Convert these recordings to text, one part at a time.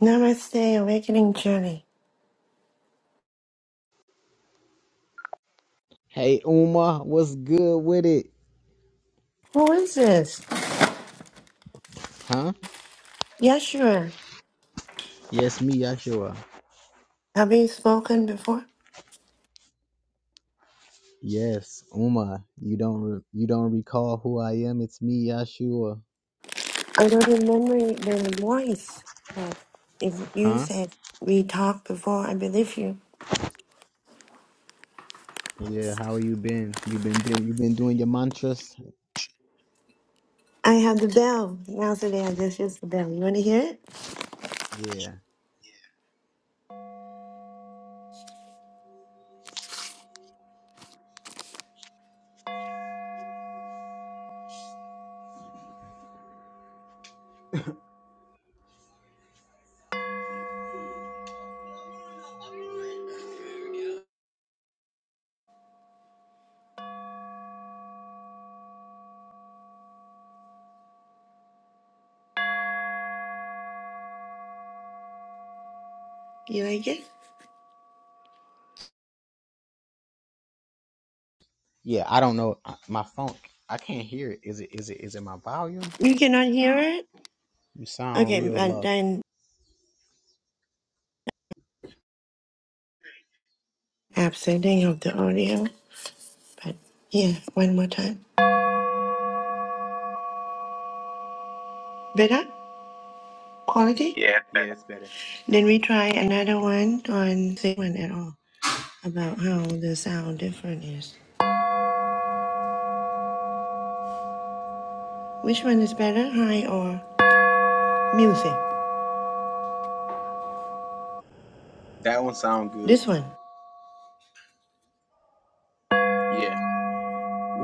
Namaste, Awakening Journey. Who is this? Yeshua. Have you spoken before? I don't remember the voice, but if you said we talked before, I believe you. I have the bell. Now today I just use the bell. You want to hear it? You like it? You cannot hear it? Okay, but then absenting of the audio. But yeah, one more time. Better? Quality? Yeah. Then we try another one on same one at all. about how the sound different is. Which one is better, high or music? This one.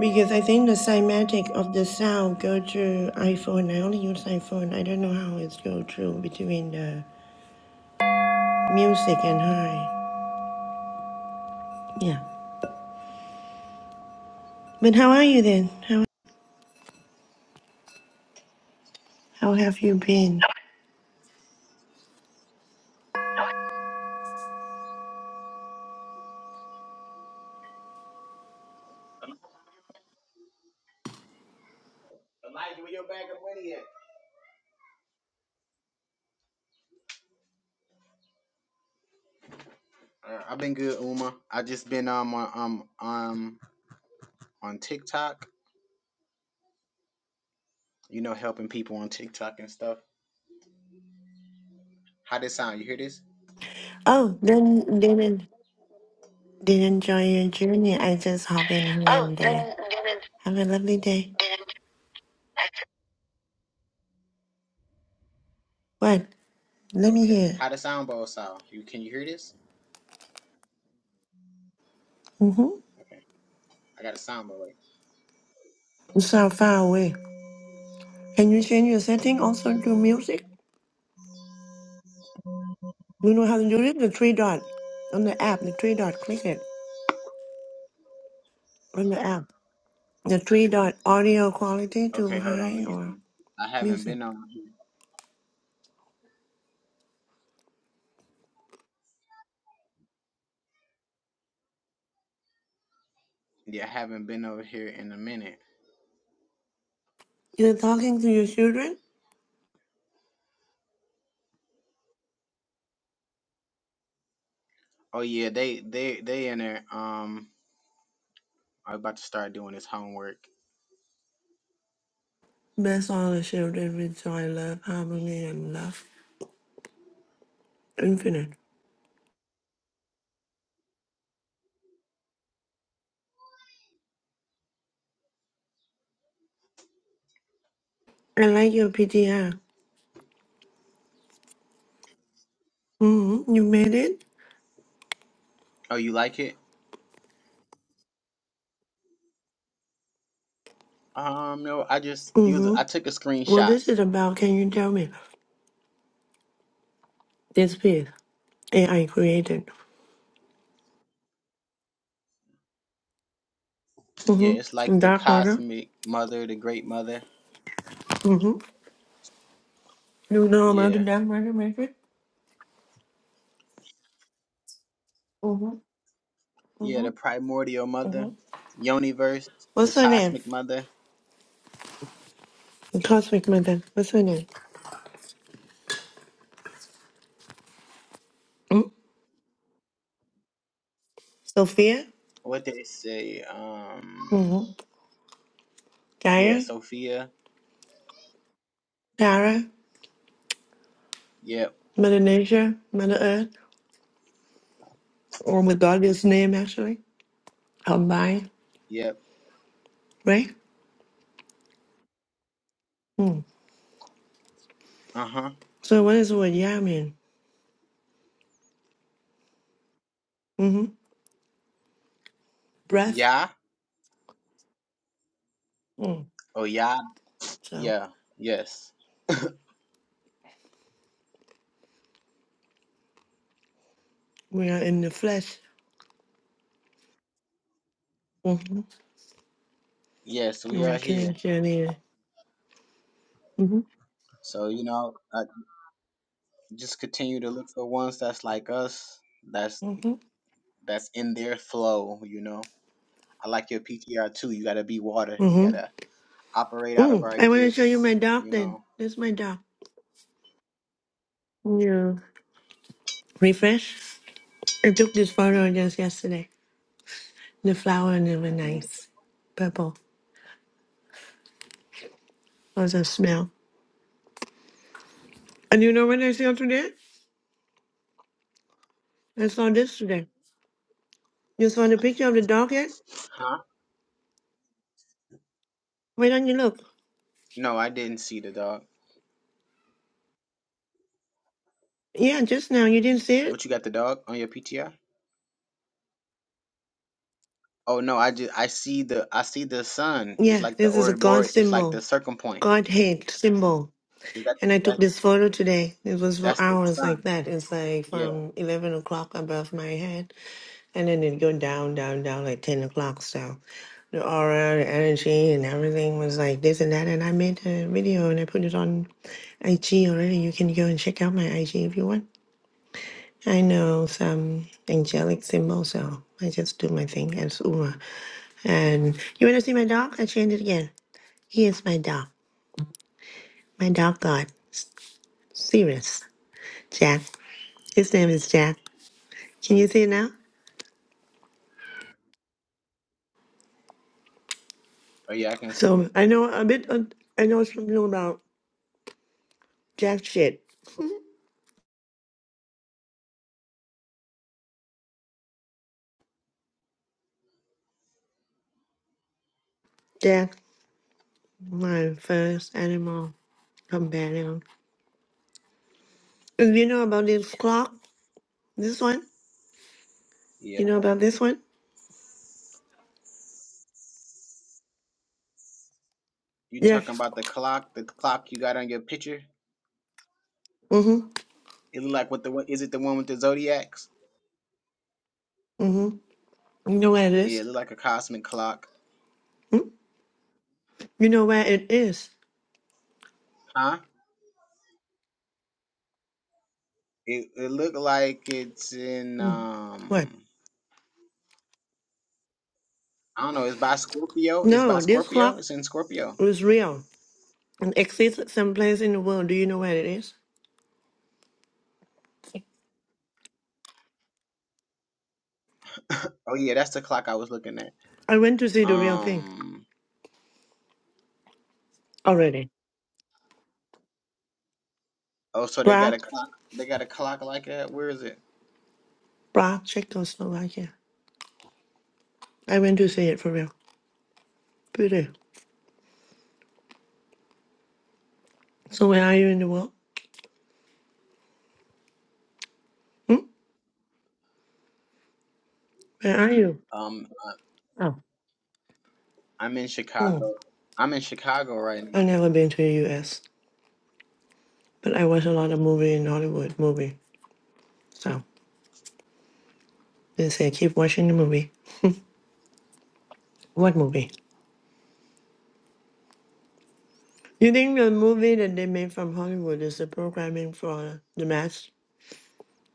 Because I think the cymatic of the sound go through iPhone. I only use iPhone. I don't know how it's go through between the music and high. Yeah. But how are you then? How how have you been? Oh, then didn't did not enjoy your journey. I just hop in here Oh, and there. didn't, didn't, Have a lovely day. didn't. What? Let me hear. Mm-hmm. You sound far away. Can you change your setting also to music? You know how to do it? The three dot on the app, the three dot, click it on the app. The three dot audio quality to high or music. You're talking to your children? Bless all the children with joy, love, harmony, and love. Infinite. I like your PTR. Mm-hmm. You made it? Mm-hmm. Well, this is about, can you tell me? This piece AI created. Mm-hmm. Dark matter. Mm-hmm. You know about the dark matter matrix? hmm hmm What's her name? The Cosmic Mother. What's her name? Mm? Sophia? Mm-hmm. Gaia? Tara? Mother Nature? Mother Earth? Or with God's name, actually? Combined, right? Mm. So what is what Yah mean? hmm Breath? Mm. So we are in the flesh. Mm-hmm. We're killing journey. Mm-hmm. Mm-hmm. Mm-hmm. Mm. I want to show you my dog then. That's my dog. Yeah. Refresh. I took this photo just yesterday. The flower and it was nice. Purple. was a smell. And you know what I saw today? I saw this today. You saw the picture of the dog yet? Why don't you look? Yeah, just now. You didn't see it? Yeah, this is a God symbol. Godhead symbol. And I took this photo today. It was for hours like that. It's like from 11 o'clock above my head. And then it go down, down, down like 10 o'clock. So the aura, the energy, and everything was like this and that. And I made a video and I put it on IG already. You can go and check out my IG if you want. I know some angelic symbols, so I just do my thing as Uma. And you want to see my dog? I changed it again. He is my dog. My dog God. Serious. Jack. His name is Jack. Can you see it now? So I know a bit, uh, I know something about Jack shit. Jack. My first animal companion. And you know about this clock? This one? You know about this one? Yes. Mm-hmm. Mm-hmm. You know where it is? Hmm? You know where it is? Hmm. What? No, this clock is real and exists someplace in the world. Do you know where it is? I went to see the real thing already. Prague, Prague, Czechoslovakia. I went to see it for real. Beauty. So where are you in the world? Hmm? Where are you? Oh. Hmm. I've never been to the U.S. But I watch a lot of movie in Hollywood movie. So they say keep watching the movie. What movie? You think the movie that they made from Hollywood is the programming for the mass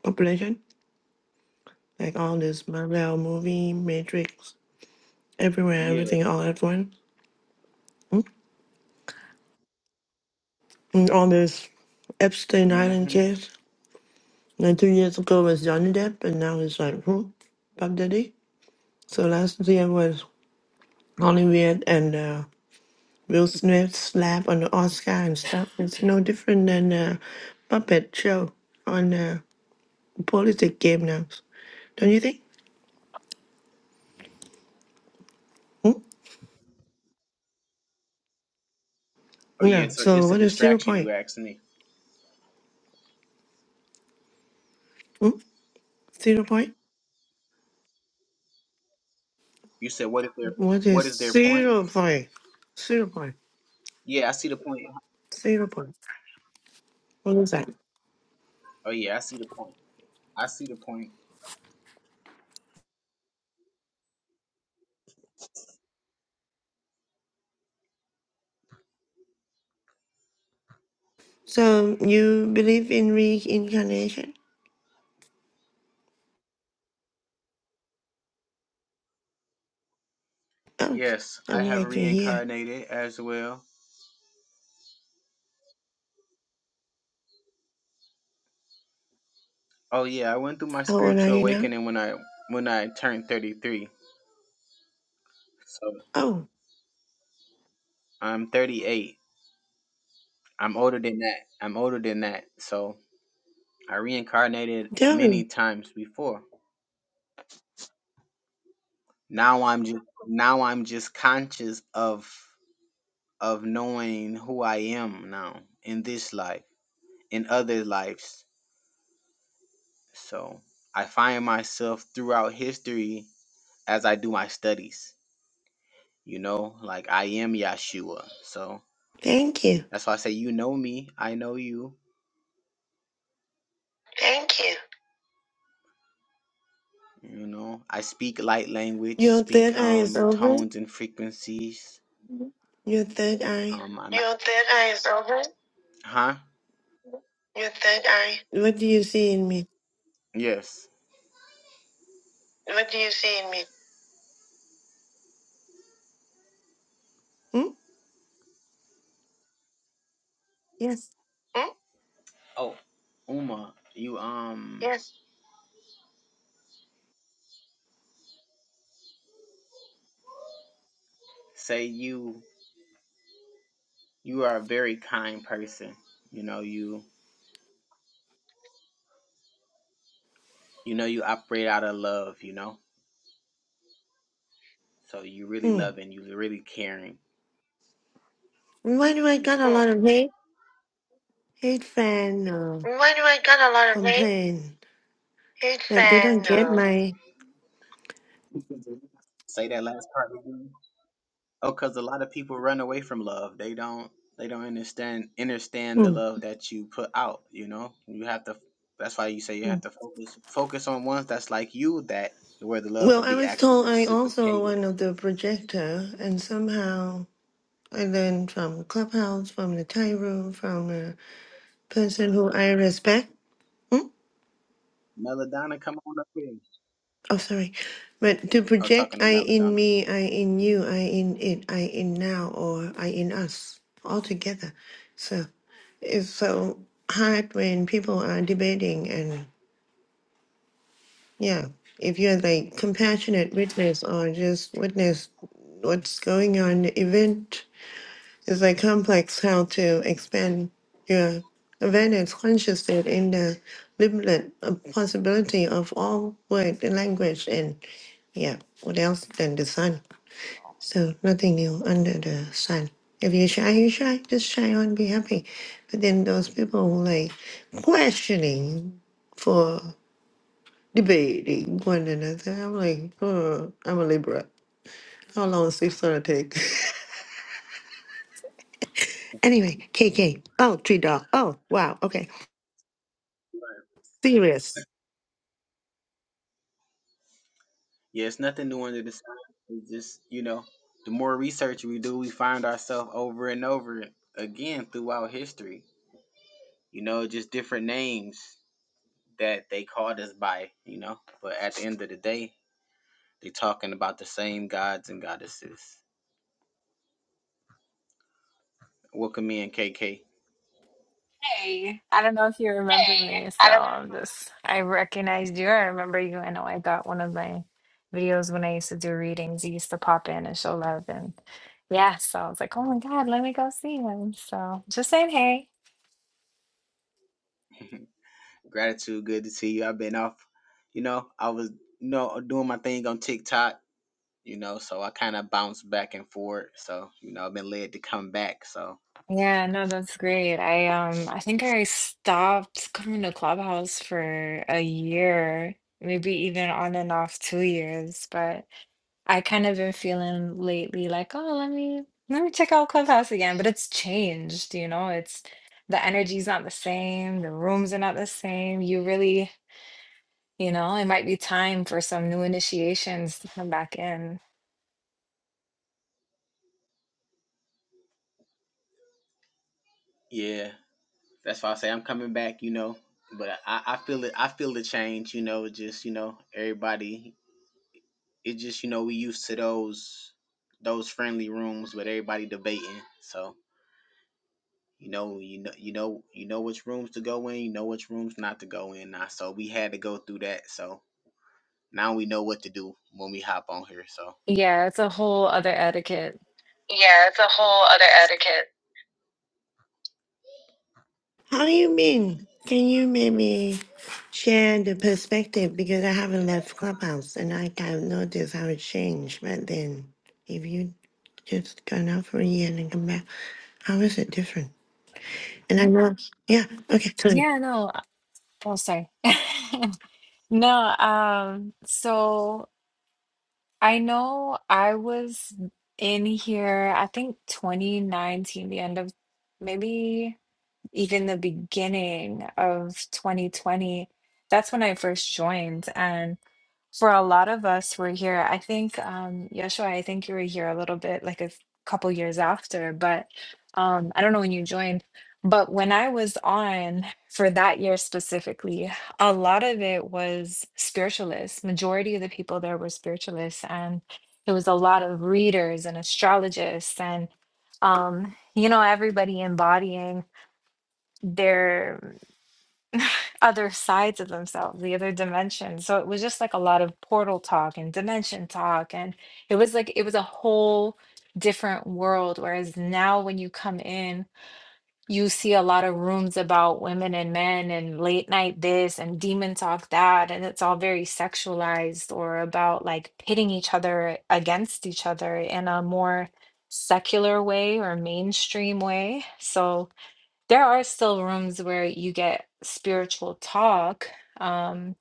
population? Like all this Marvel movie, Matrix, everywhere, everything all at once. And all this Epstein Island case. Like two years ago was Johnny Depp and now it's like who? Bob Daddy. So last year was Hollywood and uh, Will Smith slap on the Oscar and stuff. It's no different than a puppet show on a politic game now. Don't you think? Hmm? Yeah. So what is zero point? Hmm? Zero point? What is zero point? Zero point. Zero point. What is that? So you believe in reincarnation? Oh, I would like to hear. How old are you now? Oh, darling. Thank you. Thank you. Your third eye is open. Your third eye. Um, Your third eye is open. Your third eye. What do you see in me? What do you see in me? Hmm? Yes. Hmm? Uma, you um. Yes. Hmm. Why do I got a Hmm. lot of hate? Hate fan uh, Why do I got a lot of hate? complain Hate that they fan. don't get Um, my. Hmm. Hmm. Well, I was told I also one of the projector, and somehow I learned from clubhouse, from the Thai room, from a person who I respect. Hmm? Oh, sorry. But to project I in me, I in you, I in it, I in now, or I in us all together. So, It's so hard when people are debating, and yeah, if you're like compassionate witness or just witness what's going on in the event, it's like complex how to expand your awareness, consciousness in the limited uh, possibility of all word and language, and yeah, what else than the sun? So nothing new under the sun. If you're shy, you're shy. Just shy on, be happy. But then those people who like questioning for debating one another, I'm like, oh, I'm a Libra. How long is this gonna take? anyway, KK. Oh, tree dog. Oh, wow. Okay, serious. Hey, I don't know if you remember me, so I'm just, I recognized you. I remember you. I know I got one of my videos when I used to do readings. You used to pop in and show love. And yeah, so I was like, oh my God, let me go see him. So just saying, hey. Yeah, no, that's great. I um I think I stopped coming to Clubhouse for a year, maybe even on and off two years, but I kind of been feeling lately like, oh, let me let me check out Clubhouse again, but it's changed, you know, it's the energy's not the same, the rooms are not the same. You really, you know, it might be time for some new initiations to come back in. Yeah, it's a whole other etiquette. yeah, it's a whole other etiquette. How do you mean? Can you maybe share the perspective? Because I haven't left Clubhouse and I can notice how it changed. But then, if you just gone out for a year and then come back, how is it different? And I know, yeah, okay, sorry. Yeah, no. uh, Oh, sorry. No, um, so I know I was in here, I think 2019, the end of maybe. even the beginning of 2020. That's when I first joined. And for a lot of us who were here, I think, um, Yeshua, I think you were here a little bit, like a f- couple years after, but um, I don't know when you joined. But when I was on for that year specifically, a lot of it was spiritualists. Majority of the people there were spiritualists, and it was a lot of readers and astrologists and um, you know, everybody embodying their other sides of themselves, the other dimension. So it was just like a lot of portal talk and dimension talk. And it was like, it was a whole different world. Whereas now, when you come in, you see a lot of rooms about women and men and late night this and demon talk that. And it's all very sexualized or about like pitting each other against each other in a more secular way or mainstream way. So, there are still rooms where you get spiritual talk um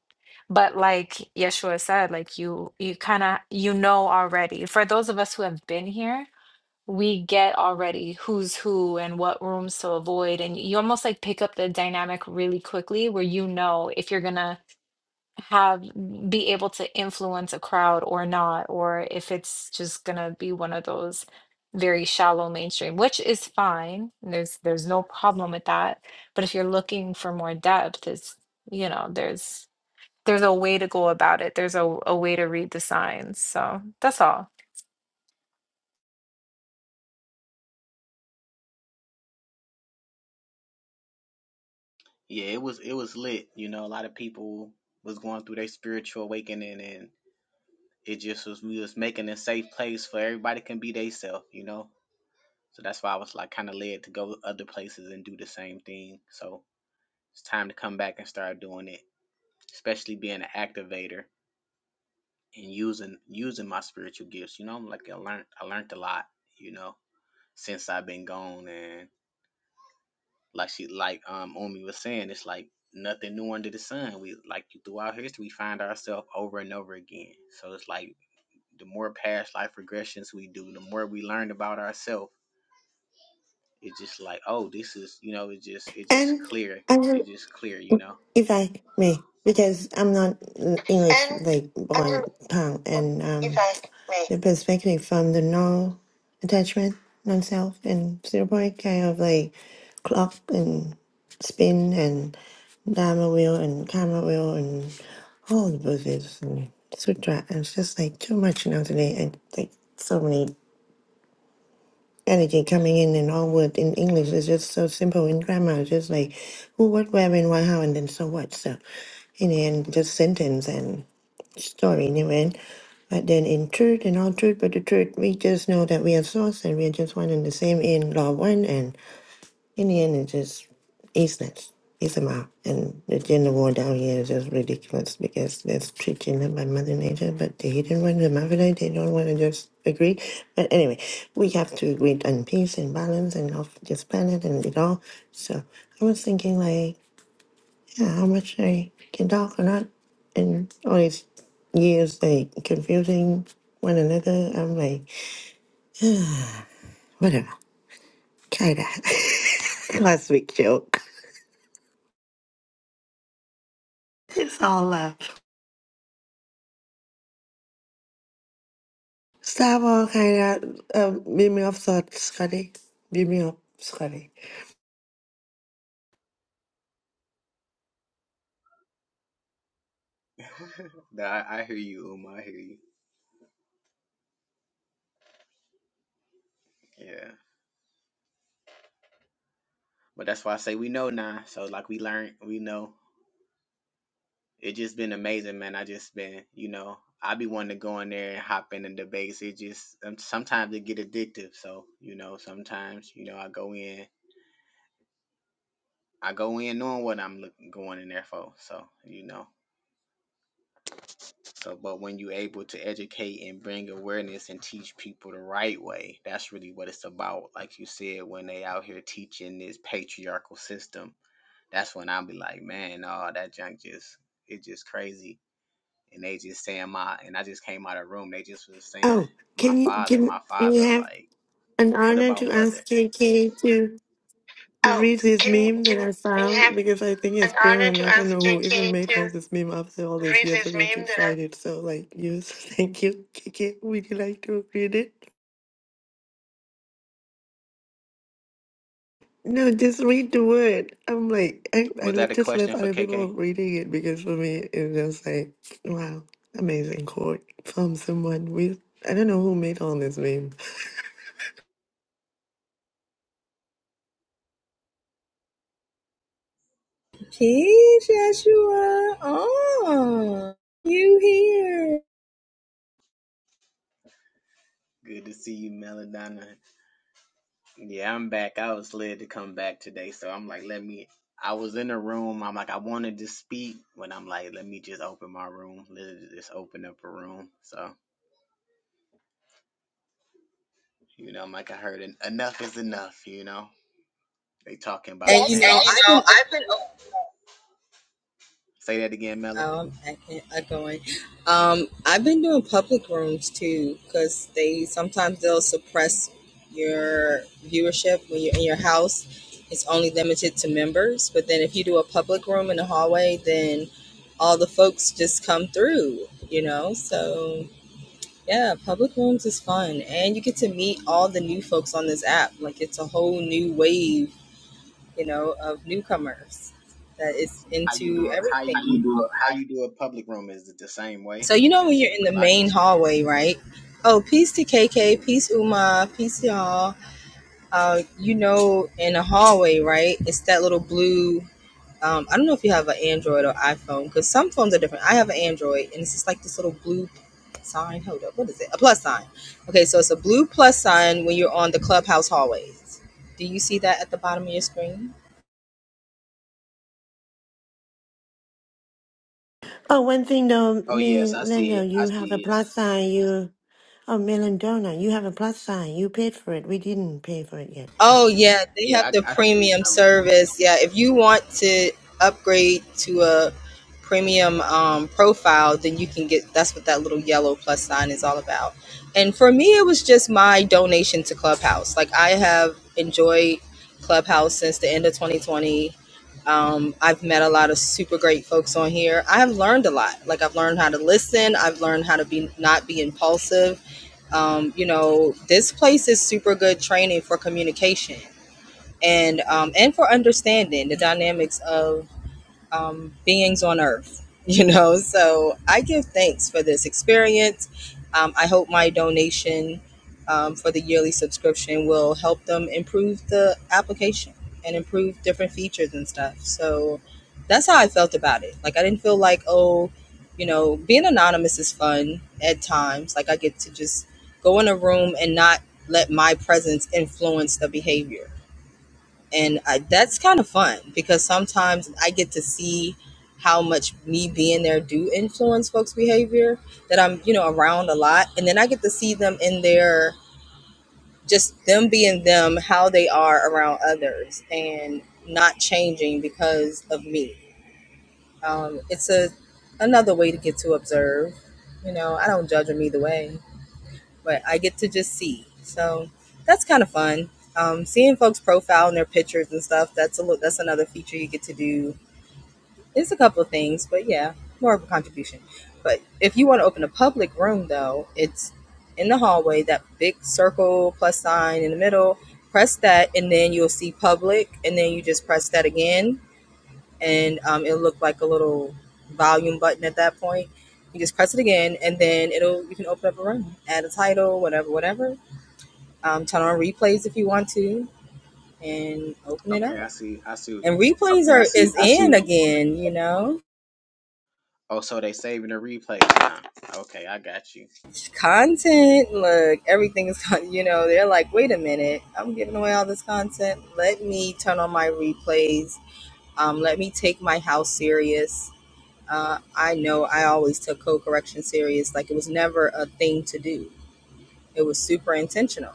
but like yeshua said like you you kind of you know already for those of us who have been here we get already who's who and what rooms to avoid and you almost like pick up the dynamic really quickly where you know if you're gonna have be able to influence a crowd or not, or if it's just gonna be one of those very shallow mainstream, which is fine. There's there's no problem with that. But if you're looking for more depth, it's you know, there's there's a way to go about it. There's a, a way to read the signs. So that's all. And I will, if I may, because I'm not English And like born um, tongue, and if um. I may. the perspective from the no attachment, non self, and zero point kind of like clock and spin and dharma wheel and karma wheel and all the Buddhists and sutra. And it's just like too much now today. And like so many energy coming in and all word in English is just so simple in grammar. It's just like who, what, where, when, why, how, and then so what. So in the end, just sentence. and story in the end. But then in truth and all truth but the truth, we just know that we are source and we are just one and the same in law one and in the end it's just Isness. Islam. And the gender war down here is just ridiculous because that's treating them by Mother Nature, but the hidden one, the Mavidite, they don't want to just agree. But anyway, we have to agree on peace and balance and of this planet and it all. So I was thinking like yeah, how much they can talk or not, and all these years they confusing one another. I'm like, whatever, cut it out. Last week joke. It's all love. Stop all kind of um, beat me up, thought Scotty. Beat me up, Scotty. Oh, can you can, can you have an honor to ask KK to? Oh, Read this can you meme that can I you found have because I think it's an honor brilliant. to I don't ask know who even KK made to all this meme after all this read year for this me to meme that I. find it. So, like, you, thank you, Kiki. Would you like to read it? No, just read the word. I'm like, I, I lo- just love other people reading it because for me, it's just like, wow, amazing quote from someone with, I don't know who made all this meme. Peace, Yeshua. Oh, you here? And you know, I've been oh, um, I can't, I'm going. Um, I've been doing public rooms too, because they sometimes they'll suppress your viewership when you're in your house. It's only limited to members, but then if you do a public room in the hallway, then all the folks just come through. You know, so Yeah, public rooms is fun, and you get to meet all the new folks on this app. Like it's a whole new wave, you know, of newcomers that is into everything. So you know when you're in the main hallway, right? Oh, peace to KK, peace Uma, peace y'all. Uh, you know, in the hallway, right? It's that little blue Um, I don't know if you have an Android or iPhone because some phones are different. I have an Android and it's just like this little blue sign. Hold up, what is it? A plus sign. Okay, so it's a blue plus sign when you're on the clubhouse hallways. Do you see that at the bottom of your screen? Oh, one thing though, me, Linda, you have a plus sign. You Oh, Melendona, you have a plus sign. You paid for it. We didn't pay for it yet, so. Oh yeah, they have the premium service. Yeah, if you want to upgrade to a premium um, profile, then you can get. That's what that little yellow plus sign is all about. And for me, it was just my donation to Clubhouse. Like I have enjoyed Clubhouse since the end of 2020. Um, I've met a lot of super great folks on here. I have learned a lot. Like I've learned how to listen. I've learned how to be not be impulsive um, you know this place is super good training for communication and um, and for understanding the dynamics of um, beings on earth, you know. So I give thanks for this experience. Um, I hope my donation um, for the yearly subscription will help them improve the application and improve different features and stuff. So that's how I felt about it. Like, I didn't feel like, oh, you know, being anonymous is fun at times. Like, I get to just go in a room and not let my presence influence the behavior and I, that's kind of fun because sometimes I get to see how much me being there do influence folks' behavior that I'm you know around a lot, and then I get to see them in their just them being them, how they are around others, and not changing because of me. Um, it's a another way to get to observe. You know, I don't judge them either way but I get to just see. So that's kind of fun. Um, seeing folks' profile and their pictures and stuff. That's a little, that's another feature you get to do. It's a couple of things, but yeah, more of a contribution. But if you want to open a public room, though, it's in the hallway. That big circle plus sign in the middle. Press that, and then you'll see public, and then you just press that again, and um, it'll look like a little volume button at that point. You just press it again, and then it'll you can open up a room, add a title, whatever, whatever, um, turn on replays if you want to, and open it up. And replays are is in again, you know. Content, look, everything is, con- you know. They're like, wait a minute, I'm giving away all this content. Let me turn on my replays. Um, let me take my house serious. Uh, I know I always took code correction serious. Like it was never a thing to do. It was super intentional,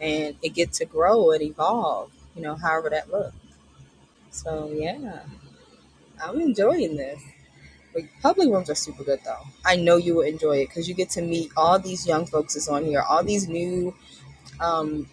and it get to grow and evolve. You know, however that looks. So yeah, I'm enjoying this. Like public rooms are super good though. I know you will enjoy it because you get to meet all these young folks that's on here, all these new um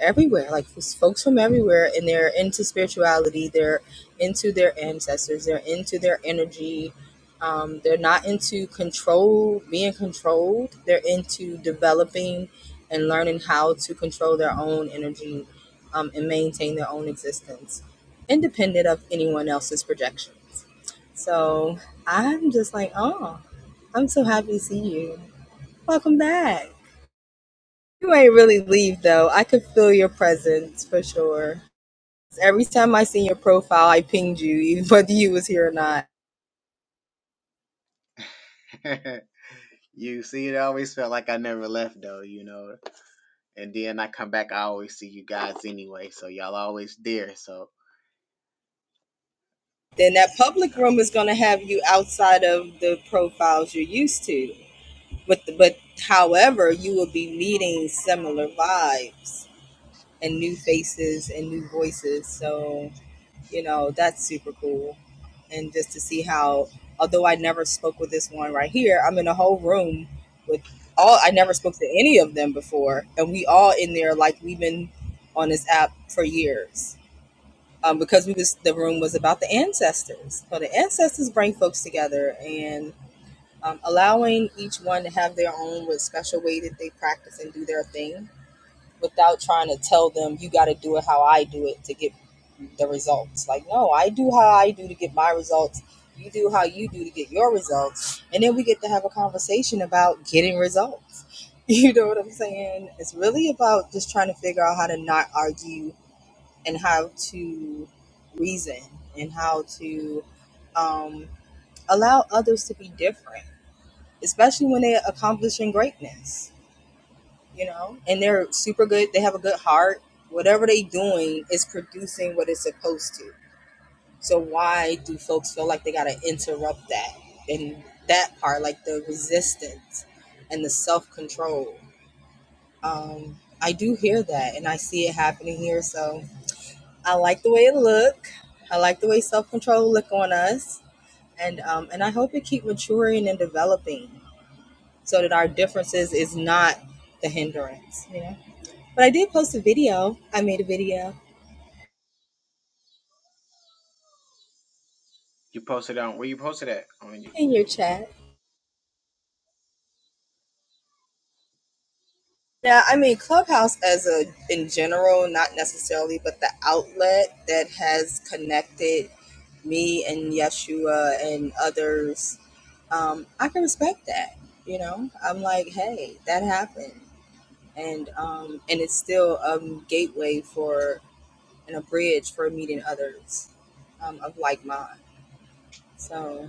everywhere, like it's folks from everywhere, and they're into spirituality, they're into their ancestors, they're into their energy. Um, they're not into control, being controlled. They're into developing and learning how to control their own energy um, and maintain their own existence, independent of anyone else's projections. So I'm just like, oh, I'm so happy to see you. Welcome back. You ain't really leave though. I could feel your presence for sure. Every time I seen your profile, I pinged you, even whether you was here or not. Then that public room is gonna have you outside of the profiles you're used to. But but however, you will be meeting similar vibes and new faces and new voices. So you know that's super cool and just to see how although i never spoke with this one right here i'm in a whole room with all i never spoke to any of them before and we all in there like we've been on this app for years um, because we was the room was about the ancestors so the ancestors bring folks together and um, allowing each one to have their own with special way that they practice and do their thing without trying to tell them you got to do it how I do it to get the results. Like, no, I do how I do to get my results. You do how you do to get your results. And then we get to have a conversation about getting results. You know what I'm saying? It's really about just trying to figure out how to not argue and how to reason and how to um, allow others to be different, especially when they're accomplishing greatness you know, and they're super good. They have a good heart. Whatever they doing is producing what it's supposed to. So why do folks feel like they gotta interrupt that and that part, like the resistance and the self control? Um, I do hear that, and I see it happening here. So I like the way it look. I like the way self control look on us, and um, and I hope it keep maturing and developing so that our differences is not the hindrance. You know. But I did post a video. I made a video in your chat. Yeah, I mean Clubhouse as a in general, not necessarily, but the outlet that has connected me and Yeshua and others, um, I can respect that. You know, I'm like, hey, that happened, and um, and it's still a gateway for and a bridge for meeting others um, of like mind. So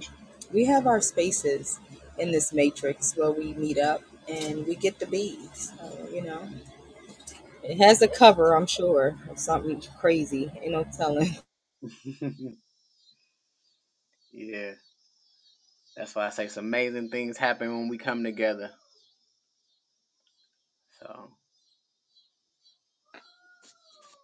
we have our spaces in this matrix where we meet up and we get the beads. So, you know, it has a cover, I'm sure, of something crazy. Ain't no telling.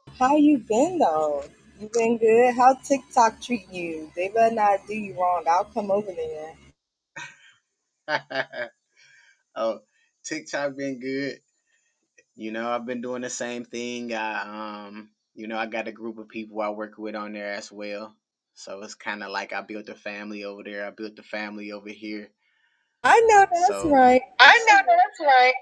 How you been though? You been good? How TikTok treating you? They better not do you wrong. I'll come over there. I know that's right. I know that's right.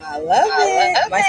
I love it. My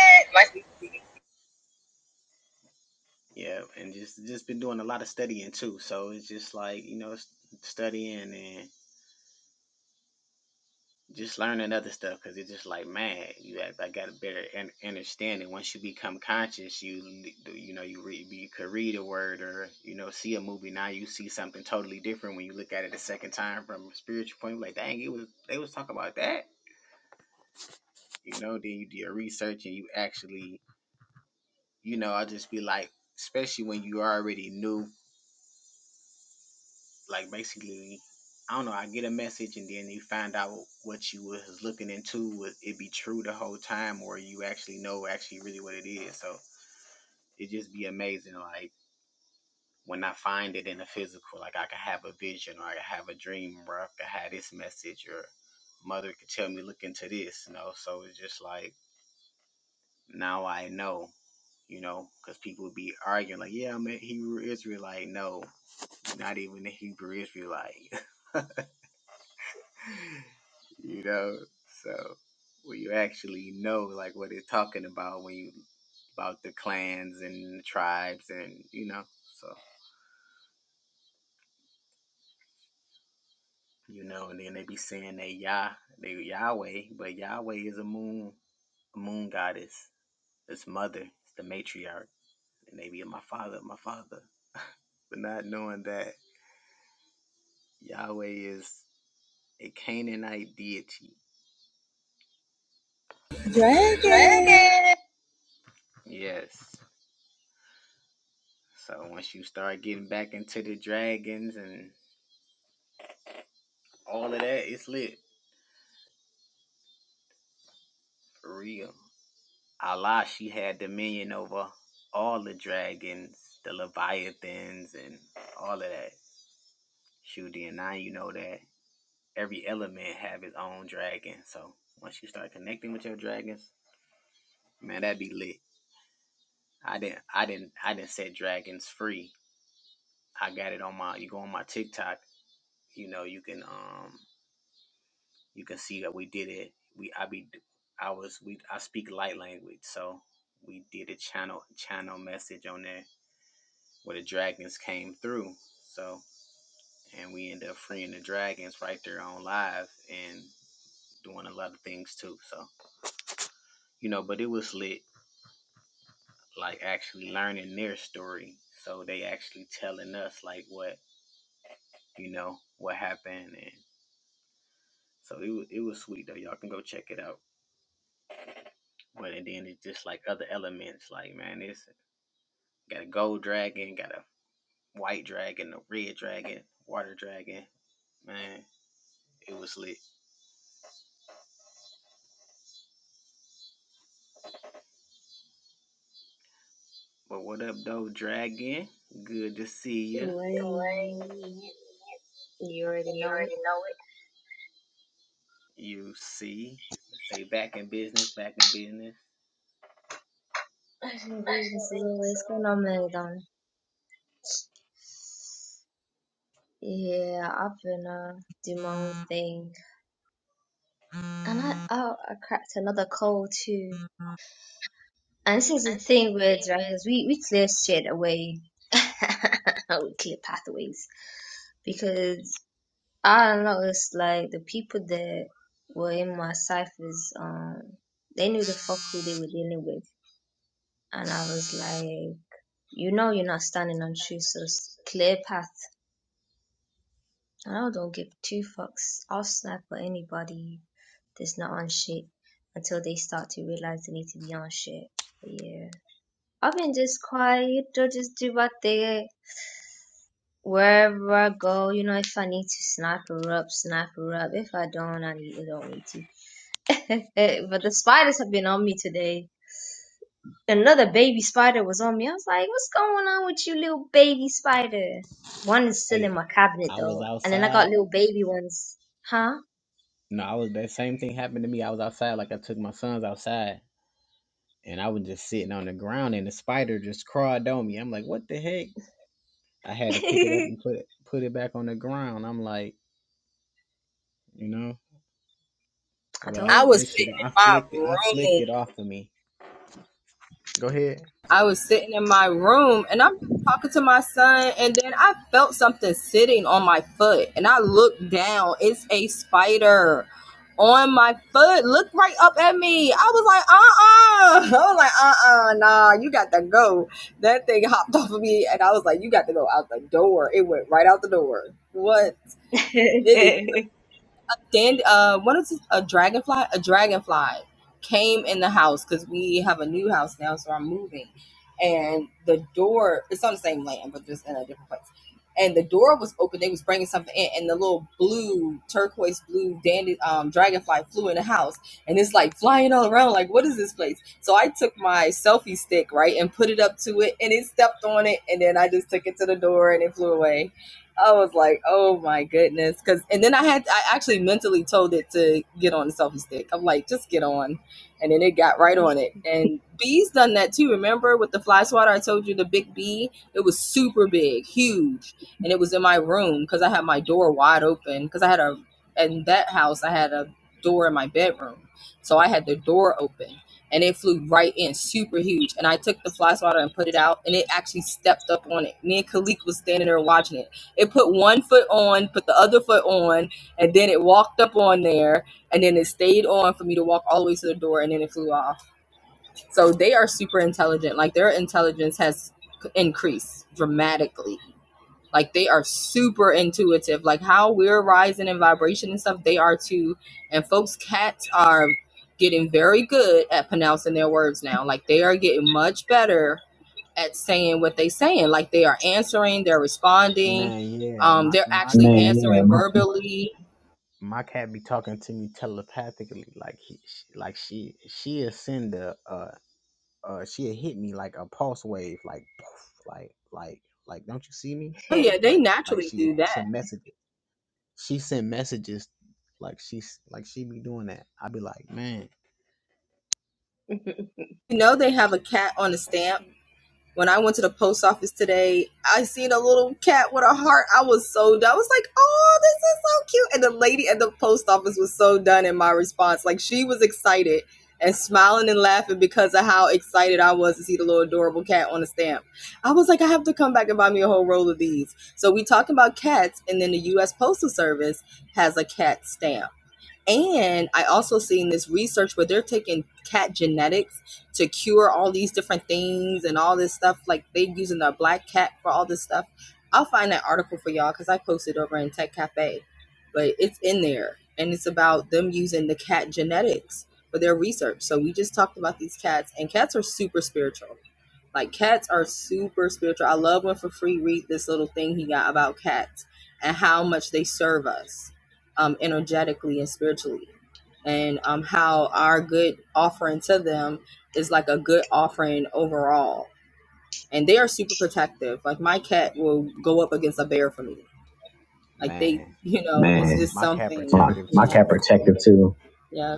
dragon. Dragon. Lady, you already You know it. already know it. Fashion Business is always going on, Melodon. Yeah, I've been uh, do my own thing, and I oh, I cracked another cold too. And this is the thing with drivers, we we clear shit away, we clear pathways because I noticed like the people that were in my ciphers, um, they knew the fuck who they were dealing with, and I was like. You know you're not standing on true, Jesus' clear path, and I don't give two fucks. I'll snipe at anybody that's not on shit until they start to realize they need to be on shit. But yeah, I've been just quiet. I just do my thing wherever I go. You know, if I need to snipe her up, snipe her up. If I don't, I, need, I don't need to. but the spiders have been on me today. another baby spider was on me. I was like, what's going on with you little baby spider? One is still in my cabinet though. And then I got little baby ones. Huh? I told I you. was sitting in my room I was sitting in my room and I'm talking to my son, and then I felt something sitting on my foot, and I looked down. It's a spider on my foot. Look right up at me. I was like, uh uh I was like, uh uh, nah, you got to go. That thing hopped off of me, and I was like, you got to go out the door. It went right out the door. What? it is? Dan, uh, one of the, a dragonfly, a dragonfly came in the house because we have a new house now, so I'm moving, and the door it's on the same land but just in a different place, and the door was open. They was bringing something in, and the little blue turquoise blue dandy um, dragonfly flew in the house, and it's like flying all around. Like, what is this place? So I took my selfie stick right and put it up to it, and it stepped on it, and then I just took it to the door, and it flew away. I was like, oh my goodness. Cause and then I had I actually mentally told it to get on the selfie stick. I'm like, just get on. And then it got right on it. And bee's done that too. Remember with the fly swatter, I told you the big bee, it was super big, huge. And it was in my room because I had my door wide open. Cause I had a in that house I had a door in my bedroom. So I had the door open. And it flew right in, super huge. And I took the fly swatter and put it out, and it actually stepped up on it. Me and Khalik was standing there watching it it put one foot on, put the other foot on, and then it walked up on there, and then it stayed on for me to walk all the way to the door, and then it flew off. So they are super intelligent. Like their intelligence has increased dramatically. Like they are super intuitive. Like how we're rising in vibration and stuff, they are too. And folks, cats are getting very good at pronouncing their words now. Like they are getting much better at saying what they saying. Like they are answering, they're responding, um, they're actually Man, yeah, answering man. verbally. Oh yeah, My they naturally do that. You know they have a cat on a stamp When I went to the post office today, I seen a little cat with a heart. I was so done. I was like, "Oh, this is so cute!" And the lady at the post office was so done in my response. Like she was excited and smiling and laughing because of how excited I was to see the little adorable cat on the stamp. I was like, "I have to come back and buy me a whole roll of these." So we talking about cats, and then the U.S. Postal Service has a cat stamp and I also seen this research where they're taking cat genetics to cure all these different things and all this stuff. Like they using their black cat for all this stuff. I'll find that article for y'all because I posted over in Tech Cafe, but it's in there and it's about them using the cat genetics for their research. So we just talked about these cats, and cats are super spiritual. Like cats are super spiritual. I love when for free read this little thing he got about cats and how much they serve us um, energetically and spiritually, and um, how our good offering to them is like a good offering overall. And they are super protective. Like my cat will go up against a bear for me. Like they, you know, it's Man, just something, my you my know. cat protective too. Yeah,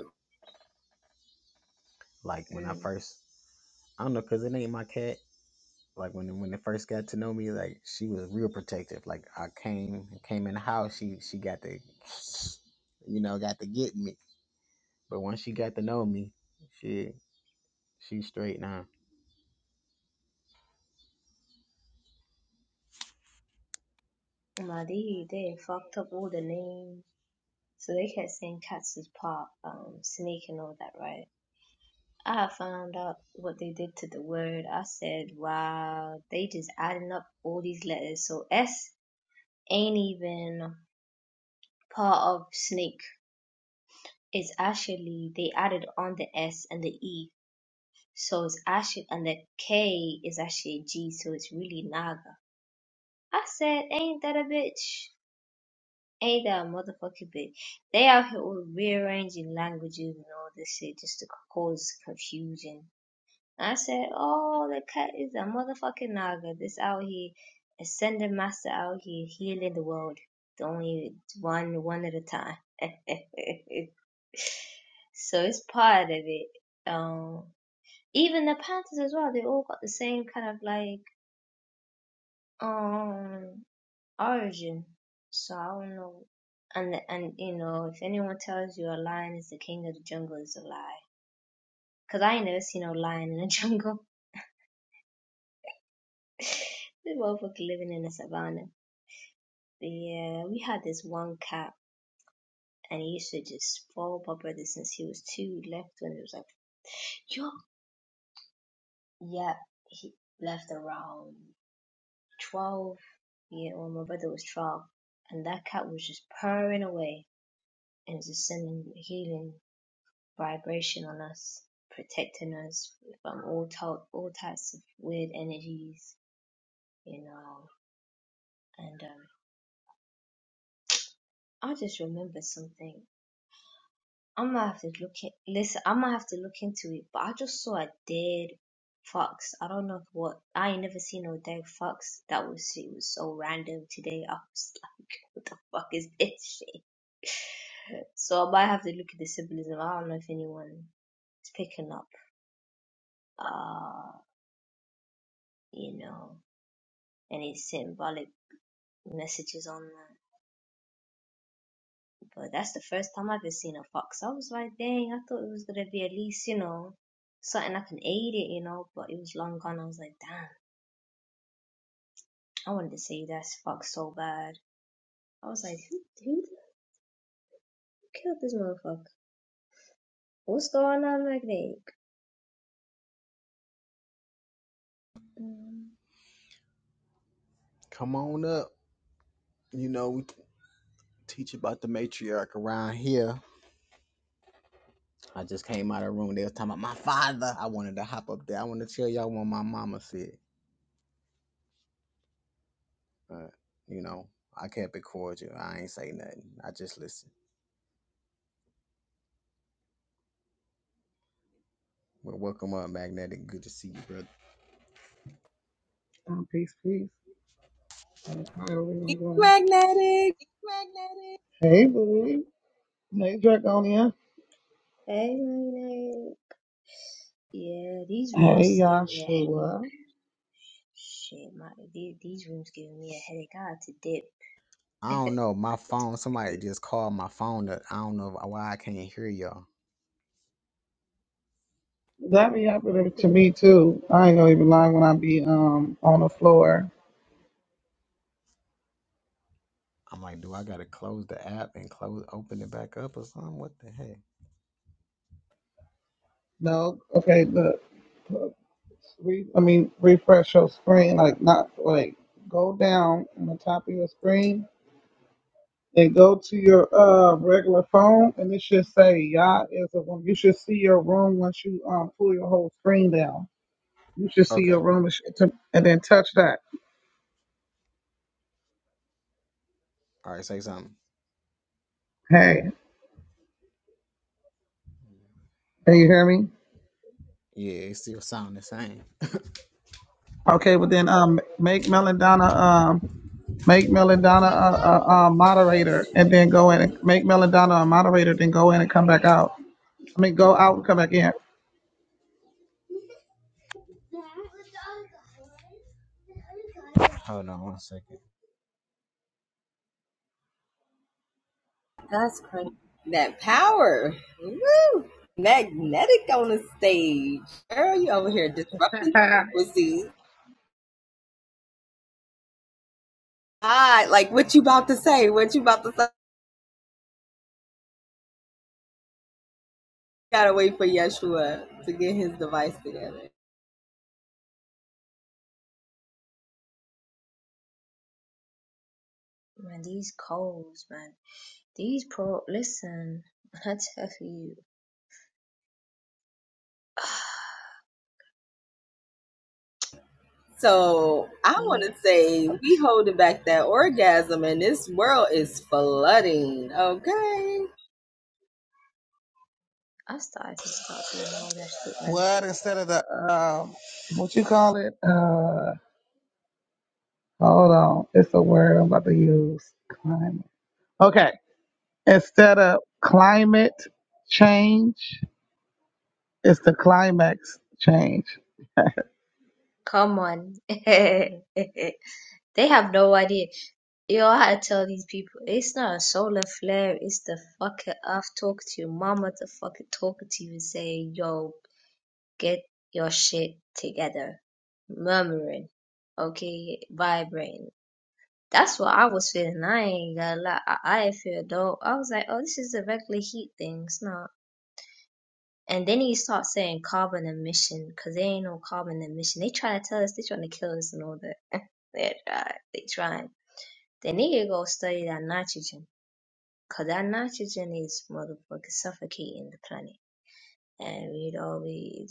Now they, they fucked up all the names. So they kept saying cats is part um, snake and all that, right? I found out what they did to the word. I said, wow, they just adding up all these letters. So S ain't even part of snake. is actually they added on the S and the E. So it's actually and the K is actually a G, so it's really Naga. I said, ain't that a bitch? Ain't that a motherfucking bitch? They out here all rearranging languages and all this shit just to cause confusion. I said, oh, the cat is a motherfucking naga. This out here, ascended master out here, healing the world. The only one, one at a time. so it's part of it. Um, even the Panthers as well, they all got the same kind of like, um, origin. So I don't know. And, and, you know, if anyone tells you a lion is the king of the jungle, it's a lie. Cause I ain't never seen no lion in the jungle. we both were both living in the savannah. Yeah, we had this one cat, and he used to just follow my brother since he was two. He left when he was like, yo, yeah, he left around 12. Yeah, when my brother was 12. And that cat was just purring away and just sending healing vibration on us, protecting us from all, to- all types of weird energies, you know. And um, I just remember something I'm gonna have to look at Listen, I'm gonna have to look into it. But I just saw a dead fox. I don't know if what. I ain't never seen no dead fox. That was it was so random today. I was like, what the fuck is this shit? So I might have to look at the symbolism. I don't know if anyone is picking up. Uh, you know, any symbolic messages on that. But that's the first time I've ever seen a fox. I was like, dang, I thought it was gonna be at least, you know, something I can aid it, you know, but it was long gone. I was like, damn, I wanted to save that fox so bad. I was like, who, who killed this motherfucker? What's going on, Magnate? Um, Um, peace, peace. Hey, how everyone He's doing? magnetic. Hey, boo. Hey, Dragonia. hey, Magnate. Yeah, these rooms Hey, is giving me a headache. Yashua. Shit, my these, these rooms giving me a headache. I had to dip. I had to dip. That be But we happening to can, me too. I ain't gonna even lie when I be um on the floor. No, okay, look. look, Re- I mean, refresh your screen. Like, not like go down on the top of your screen and go to your uh regular phone, and it should say Yah is a room. You should see your room once you um pull your whole screen down. You should see your room and sh- to- and then touch that. Hey, can you hear me? Okay, but then um, make Melodonna um, make Melodonna a, a, a moderator, and then go in and make Melodonna a moderator, then go in and come back out. I mean, go out and come back in. That's crazy. That power. Woo! Magnetic on the stage. Girl, you over here disrupting frequencies. Ah, like what you about to say? What you about to say? Gotta wait for Yeshua to get his device together. man, these colds, man. These pro listen, I tell you, So I want to yeah. say we holding back that orgasm, and this world is flooding. Okay, I started to stop doing all that shit, man. what instead of the um, what you call it? Uh, hold on, it's a word I'm about to use. Climate. Okay, instead of climate change, it's the climax change. Come on. they have no idea. Yo, I had to tell these people, it's not a solar flare, it's the fucking I've talked to your mama to fucking talking to you and saying, yo, get your shit together. Murmuring, okay, vibrating. That's what I was feeling. I ain't gonna lie. I, I feel dope. I was like, oh, this is a regular heat thing. It's not. And then he starts saying carbon emission because there ain't no carbon emission. They try to tell us they trying to kill us and all that. they try. They trying. They need to go study that nitrogen because that nitrogen is motherfucking suffocating the planet. And you know, we